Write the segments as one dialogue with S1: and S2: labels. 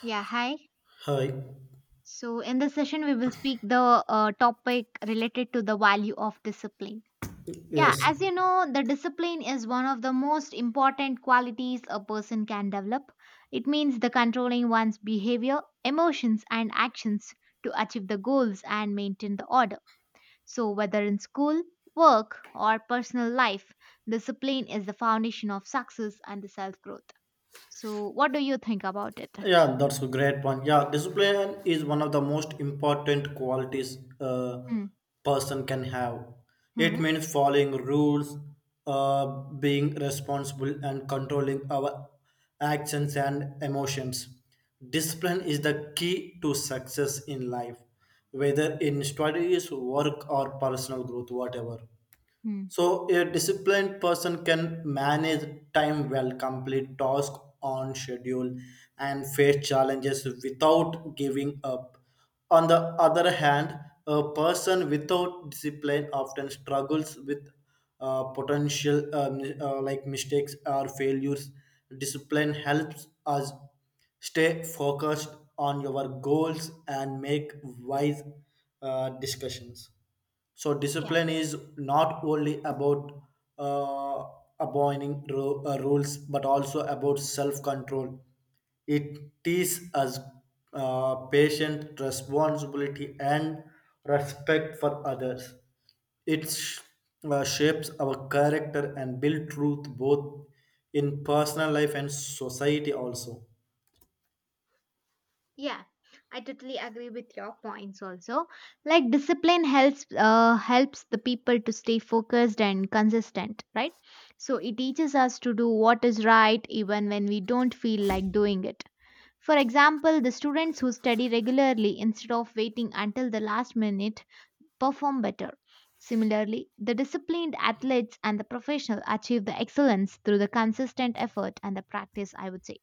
S1: Yeah, hi.
S2: Hi.
S1: So in this session, we will speak the topic related to the value of discipline. Yeah,
S2: Yes.
S1: as you know, the discipline is one of the most important qualities a person can develop. It means the controlling one's behavior, emotions, and actions to achieve the goals and maintain the order. So whether in school, work, or personal life, discipline is the foundation of success and the self-growth. So what do you think about it?
S2: Yeah, that's a great point. Yeah, discipline is one of the most important qualities a
S1: Hmm.
S2: person can have. It
S1: Hmm.
S2: means following rules, uh, being responsible, and controlling our actions and emotions. Discipline is the key to success in life, whether in studies, work, or personal growth, whatever.
S1: Hmm.
S2: So a disciplined person can manage time well, complete tasks on schedule, and face challenges without giving up. On the other hand, a person without discipline often struggles with potential like mistakes or failures. Discipline helps us stay focused on your goals and make wise discussions. So discipline is not only about uh, abiding rules, but also about self-control. It teaches us patient responsibility and respect for others. It shapes our character and build truth both in personal life and society also.
S1: Yeah, I totally agree with your points also. Like discipline helps the people to stay focused and consistent, right? So it teaches us to do what is right even when we don't feel like doing it. For example, the students who study regularly instead of waiting until the last minute perform better. Similarly, the disciplined athletes and the professional achieve the excellence through the consistent effort and the practice, I would say.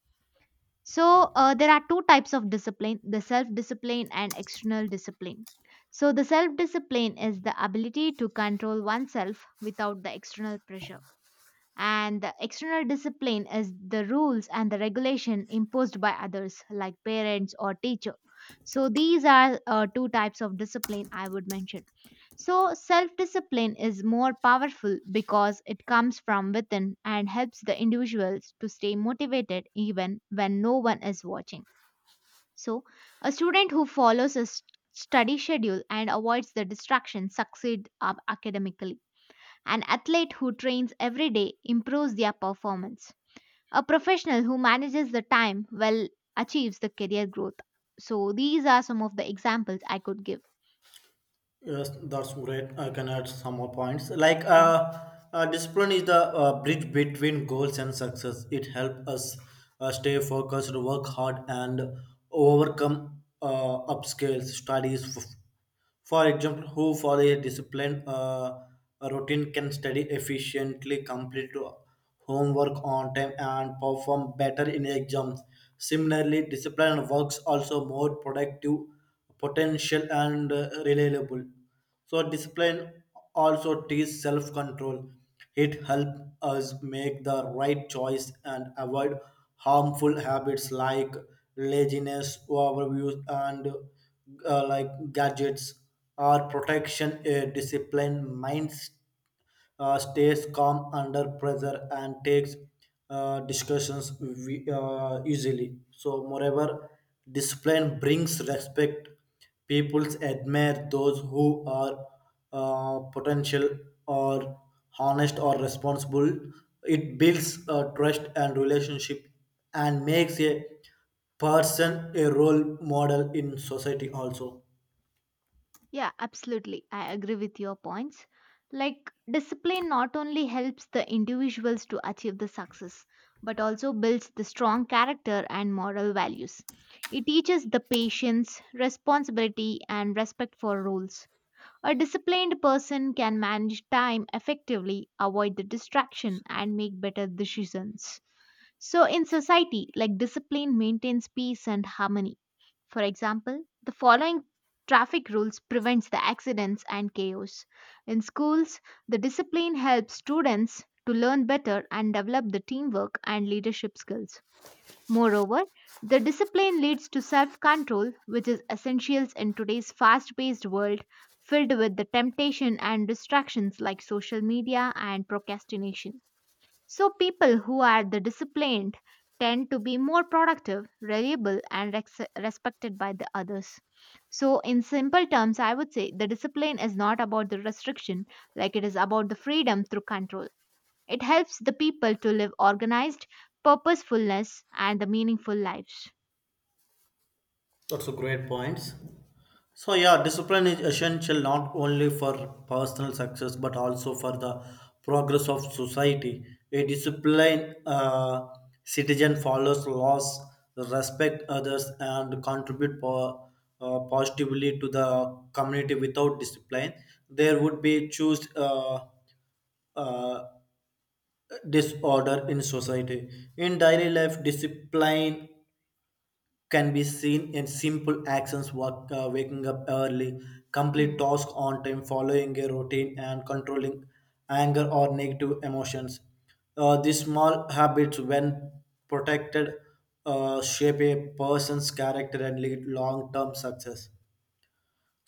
S1: So there are two types of discipline the self discipline and external discipline. So the self discipline is the ability to control oneself without the external pressure. And the external discipline is the rules and the regulation imposed by others like parents or teacher. So these are two types of discipline I would mention. So, self discipline is more powerful because it comes from within and helps the individuals to stay motivated even when no one is watching. So, a student who follows a study schedule and avoids the distraction succeeds academically. An athlete who trains every day improves their performance. A professional who manages the time well achieves the career growth. So, these are some of the examples I could give.
S2: Yes, that's great. I can add some more points. Like,
S1: Yeah.
S2: uh, uh, discipline is the bridge between goals and success. It helps us stay focused, work hard, and overcome upscales, studies, for example, who for a discipline routine can study efficiently, complete homework on time, and perform better in exams. Similarly, disciplined works also more productive, potential, and reliable. So discipline also teaches self-control. It helps us make the right choice and avoid harmful habits like laziness, overuse, and like gadgets. Or protection, a disciplined mind stays calm under pressure and takes discussions we, easily. So, moreover, discipline brings respect. People admire those who are potential or honest or responsible. It builds trust and relationship and makes a person a role model in society also.
S1: Yeah, absolutely. I agree with your points. Like, discipline not only helps the individuals to achieve the success, but also builds the strong character and moral values. It teaches the patience, responsibility, and respect for rules. A disciplined person can manage time effectively, avoid the distraction, and make better decisions. So, in society, like discipline maintains peace and harmony for example, the following traffic rules prevents the accidents and chaos. In schools, the discipline helps students to learn better and develop the teamwork and leadership skills. Moreover, the discipline leads to self-control, which is essential in today's fast-paced world filled with the temptation and distractions like social media and procrastination. So, people who are the disciplined tend to be more productive, reliable, and rex respected by the others. So, in simple terms, I would say the discipline is not about the restriction, like it is about the freedom through control. It helps the people to live organized, purposefulness, and the meaningful lives.
S2: That's a great points. So yeah, discipline is essential not only for personal success but also for the progress of society. A disciplined citizen follows laws, respect others, and contribute positively to the community. Without discipline, there would be choose uh, disorder in society. In daily life, discipline can be seen in simple actions work, waking up early, complete tasks on time, following a routine, and controlling anger or negative emotions. These small habits, when protected, shape a person's character and lead long-term success.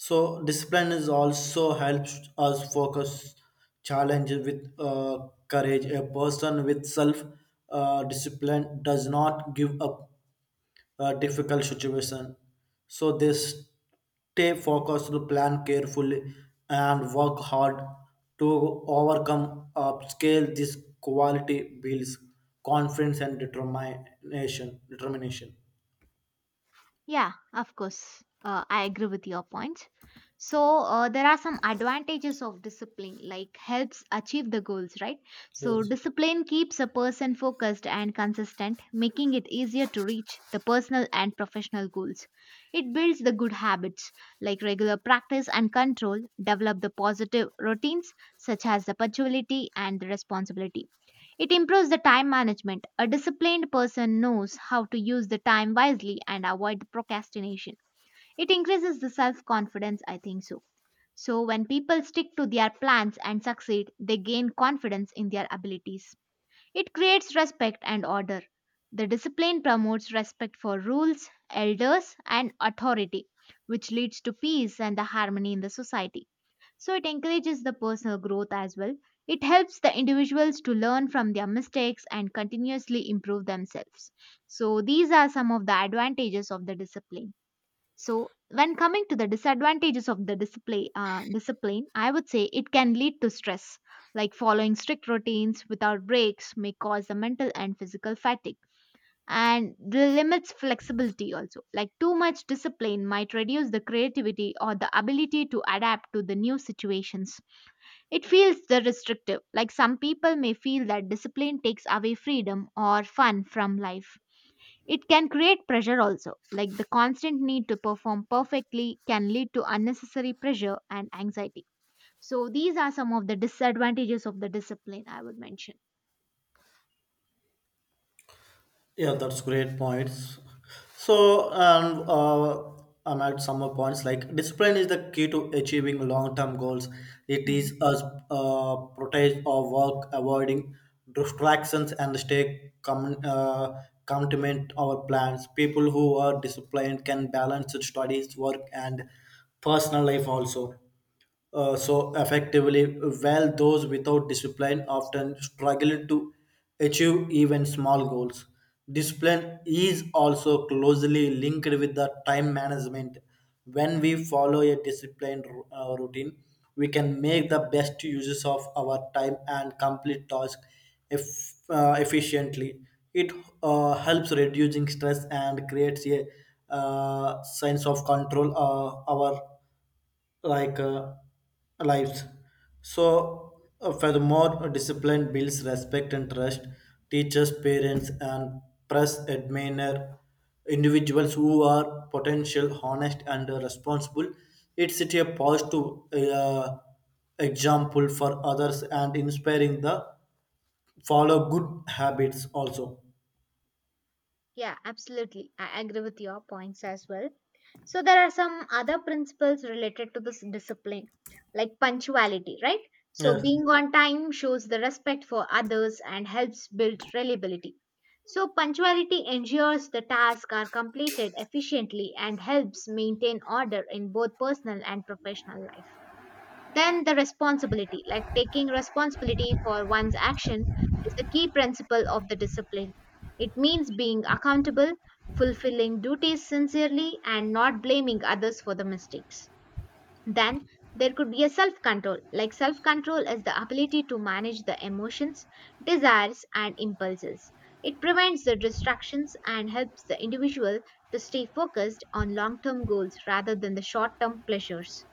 S2: So discipline is also helps us focus challenges with courage. A person with self discipline does not give up a difficult situation. So they stay focused, plan carefully, and work hard to overcome, upscale this quality builds confidence and determination. Determination.
S1: Yeah, of course. I agree with your points. So there are some advantages of discipline, like helps achieve the goals, right? So
S2: Yes.
S1: discipline keeps a person focused and consistent, making it easier to reach the personal and professional goals. It builds the good habits, like regular practice and control, develop the positive routines such as the punctuality and the responsibility it improves the time management. A disciplined person knows how to use the time wisely and avoid the procrastination. It increases the self confidence, I think so. So, when people stick to their plans and succeed, they gain confidence in their abilities. It creates respect and order. The discipline promotes respect for rules, elders, and authority, which leads to peace and the harmony in the society. So it encourages the personal growth as well. It helps the individuals to learn from their mistakes and continuously improve themselves. So these are some of the advantages of the discipline. So when coming to the disadvantages of the discipline, I would say it can lead to stress. Like following strict routines without breaks may cause the mental and physical fatigue. And the limits flexibility also. Like too much discipline might reduce the creativity or the ability to adapt to the new situations it feels the restrictive, like some people may feel that discipline takes away freedom or fun from life. It can create pressure also, like the constant need to perform perfectly can lead to unnecessary pressure and anxiety. So, these are some of the disadvantages of the discipline I would mention.
S2: Yeah, that's great points. So, I'm at some more points like discipline is the key to achieving long-term goals. It
S1: Mhm.
S2: is us protect our work, avoiding distractions, and commitment our plans. People who are disciplined can balance studies, work, and personal life also, so effectively, while those without discipline often struggle to achieve even small goals. Discipline is also closely linked with the time management. When we follow a disciplined routine, we can make the best uses of our time and complete tasks efficiently. It helps reducing stress and creates a sense of control our like lives. So, furthermore, discipline builds respect and trust. Teachers, parents, and press admire individuals who are potential, honest, and responsible. It's a positive example for others and inspiring the follow good habits also.
S1: Yeah, absolutely. I agree with your points as well. So there are some other principles related to this discipline, like punctuality, right? So
S2: Yes,
S1: being on time shows the respect for others and helps build reliability. So punctuality ensures the tasks are completed efficiently and helps maintain order in both personal and professional life. Then the responsibility, like taking responsibility for one's action, is the key principle of the discipline. It means being accountable, fulfilling duties sincerely, and not blaming others for the mistakes. Then there could be a self control. Like self control is the ability to manage the emotions, desires, and impulses. It prevents the distractions and helps the individual to stay focused on long term goals rather than the short term pleasures.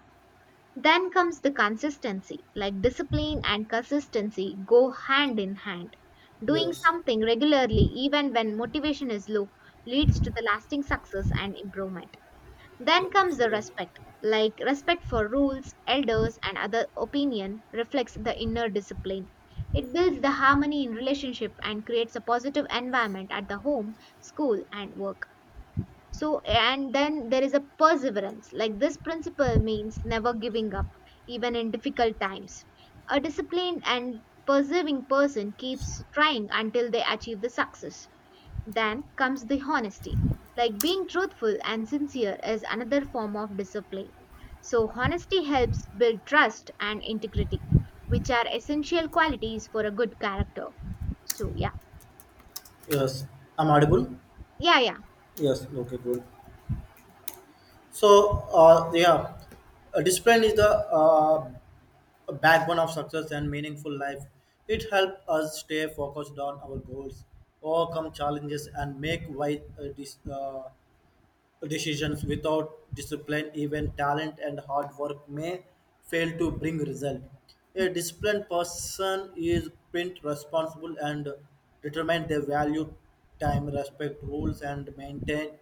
S1: Then comes the consistency, like discipline and consistency go hand in hand. Doing
S2: yes,
S1: something regularly, even when motivation is low, leads to the lasting success and improvement. Then
S2: that's
S1: comes the
S2: great.
S1: respect, like respect for rules, elders, and other opinion reflects the inner discipline. It builds the harmony in relationship and creates a positive environment at the home, school, and work. So, and then there is a perseverance. Like this principle means never giving up, even in difficult times. A disciplined and persevering person keeps trying until they achieve the success. Then comes the honesty. Like being truthful and sincere is another form of discipline. So, honesty helps build trust and integrity, which are essential qualities for a good character. So, yeah.
S2: Yes. I'm audible.
S1: Yeah, yeah.
S2: Yes, okay, good. So, discipline is the backbone of success and meaningful life. It helps us stay focused on our goals, overcome challenges, and make wise decisions. Without discipline, even talent and hard work may fail to bring result. A disciplined person is print responsible and determined. They value time, respect rules, and maintain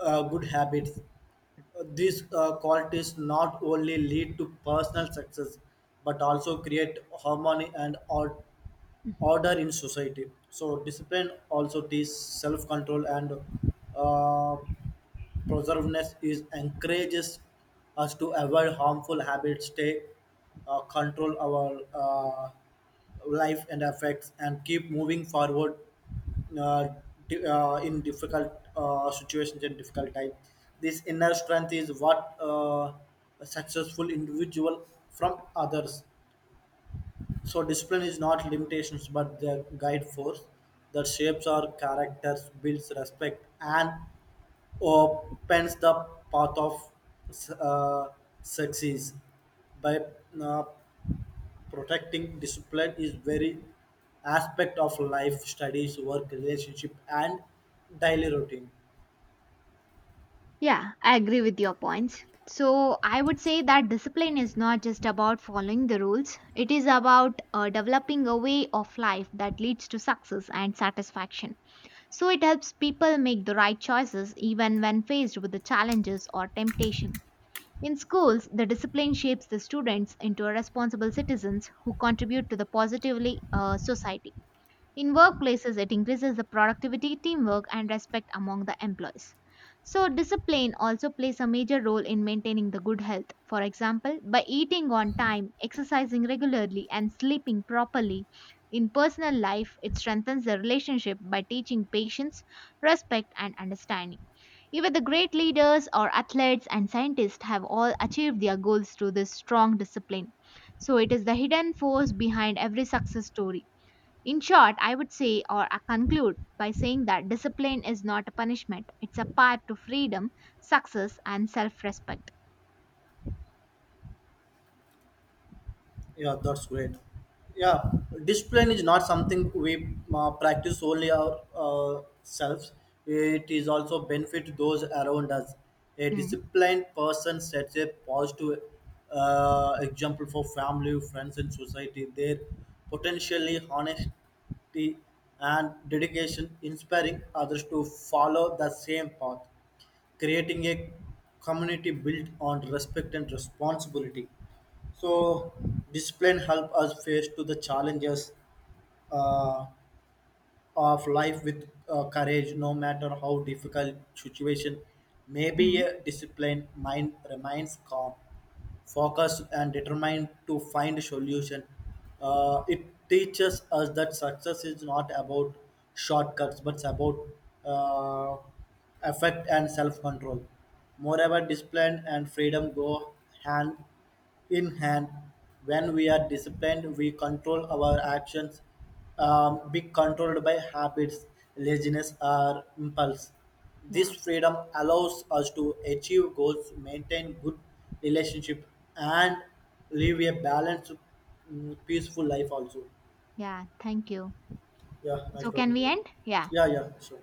S2: good habits. These qualities not only lead to personal success but also create harmony and order in society. So discipline also teaches self-control and uh, preservedness is encourages us to avoid harmful habits, stay control our life and affects, and keep moving forward uh, in difficult situations and difficult time. This inner strength is what a successful individual from others. So discipline is not limitations but the guide force that shapes our characters, builds respect, and opens the path of uh, success. By uh, protecting discipline is very aspect of life, studies, work, relationship, and daily routine.
S1: Yeah, I agree with your points. So, I would say that discipline is not just about following the rules, it is about developing a way of life that leads to success and satisfaction. So, it helps people make the right choices even when faced with the challenges or temptation. In schools, the discipline shapes the students into responsible citizens who contribute to the positively society. In workplaces, it increases the productivity, teamwork, and respect among the employees. So, discipline also plays a major role in maintaining the good health. For example, by eating on time, exercising regularly, and sleeping properly. In personal life, it strengthens the relationship by teaching patience, respect, and understanding. Even the great leaders or athletes and scientists have all achieved their goals through this strong discipline. So, it is the hidden force behind every success story. In short, I would say or I conclude by saying that discipline is not a punishment, it's a path to freedom, success, and self respect.
S2: Yeah, that's great. Yeah, discipline is not something we practice only our selves. It is also benefit those around us. A disciplined person sets a positive example for family, friends, and society. Their potentially honesty and dedication inspiring others to follow the same path, creating a community built on respect and responsibility. So discipline help us face to the challenges uh, of life with courage, no matter how difficult situation. Maybe
S1: Mm-hmm.
S2: a disciplined mind remains calm, focused, and determined to find solution. It teaches us that success is not about shortcuts, but about uh, effect and self-control. Moreover, discipline and freedom go hand in hand. When we are disciplined, we control our actions, be controlled by habits, laziness, or impulse. This
S1: Yeah,
S2: freedom allows us to achieve goals, maintain good relationship, and live a balanced, peaceful life. Also,
S1: yeah, thank you.
S2: yeah, nice
S1: So, can
S2: talking to
S1: we
S2: you.
S1: end? Yeah,
S2: Yeah, yeah, sure.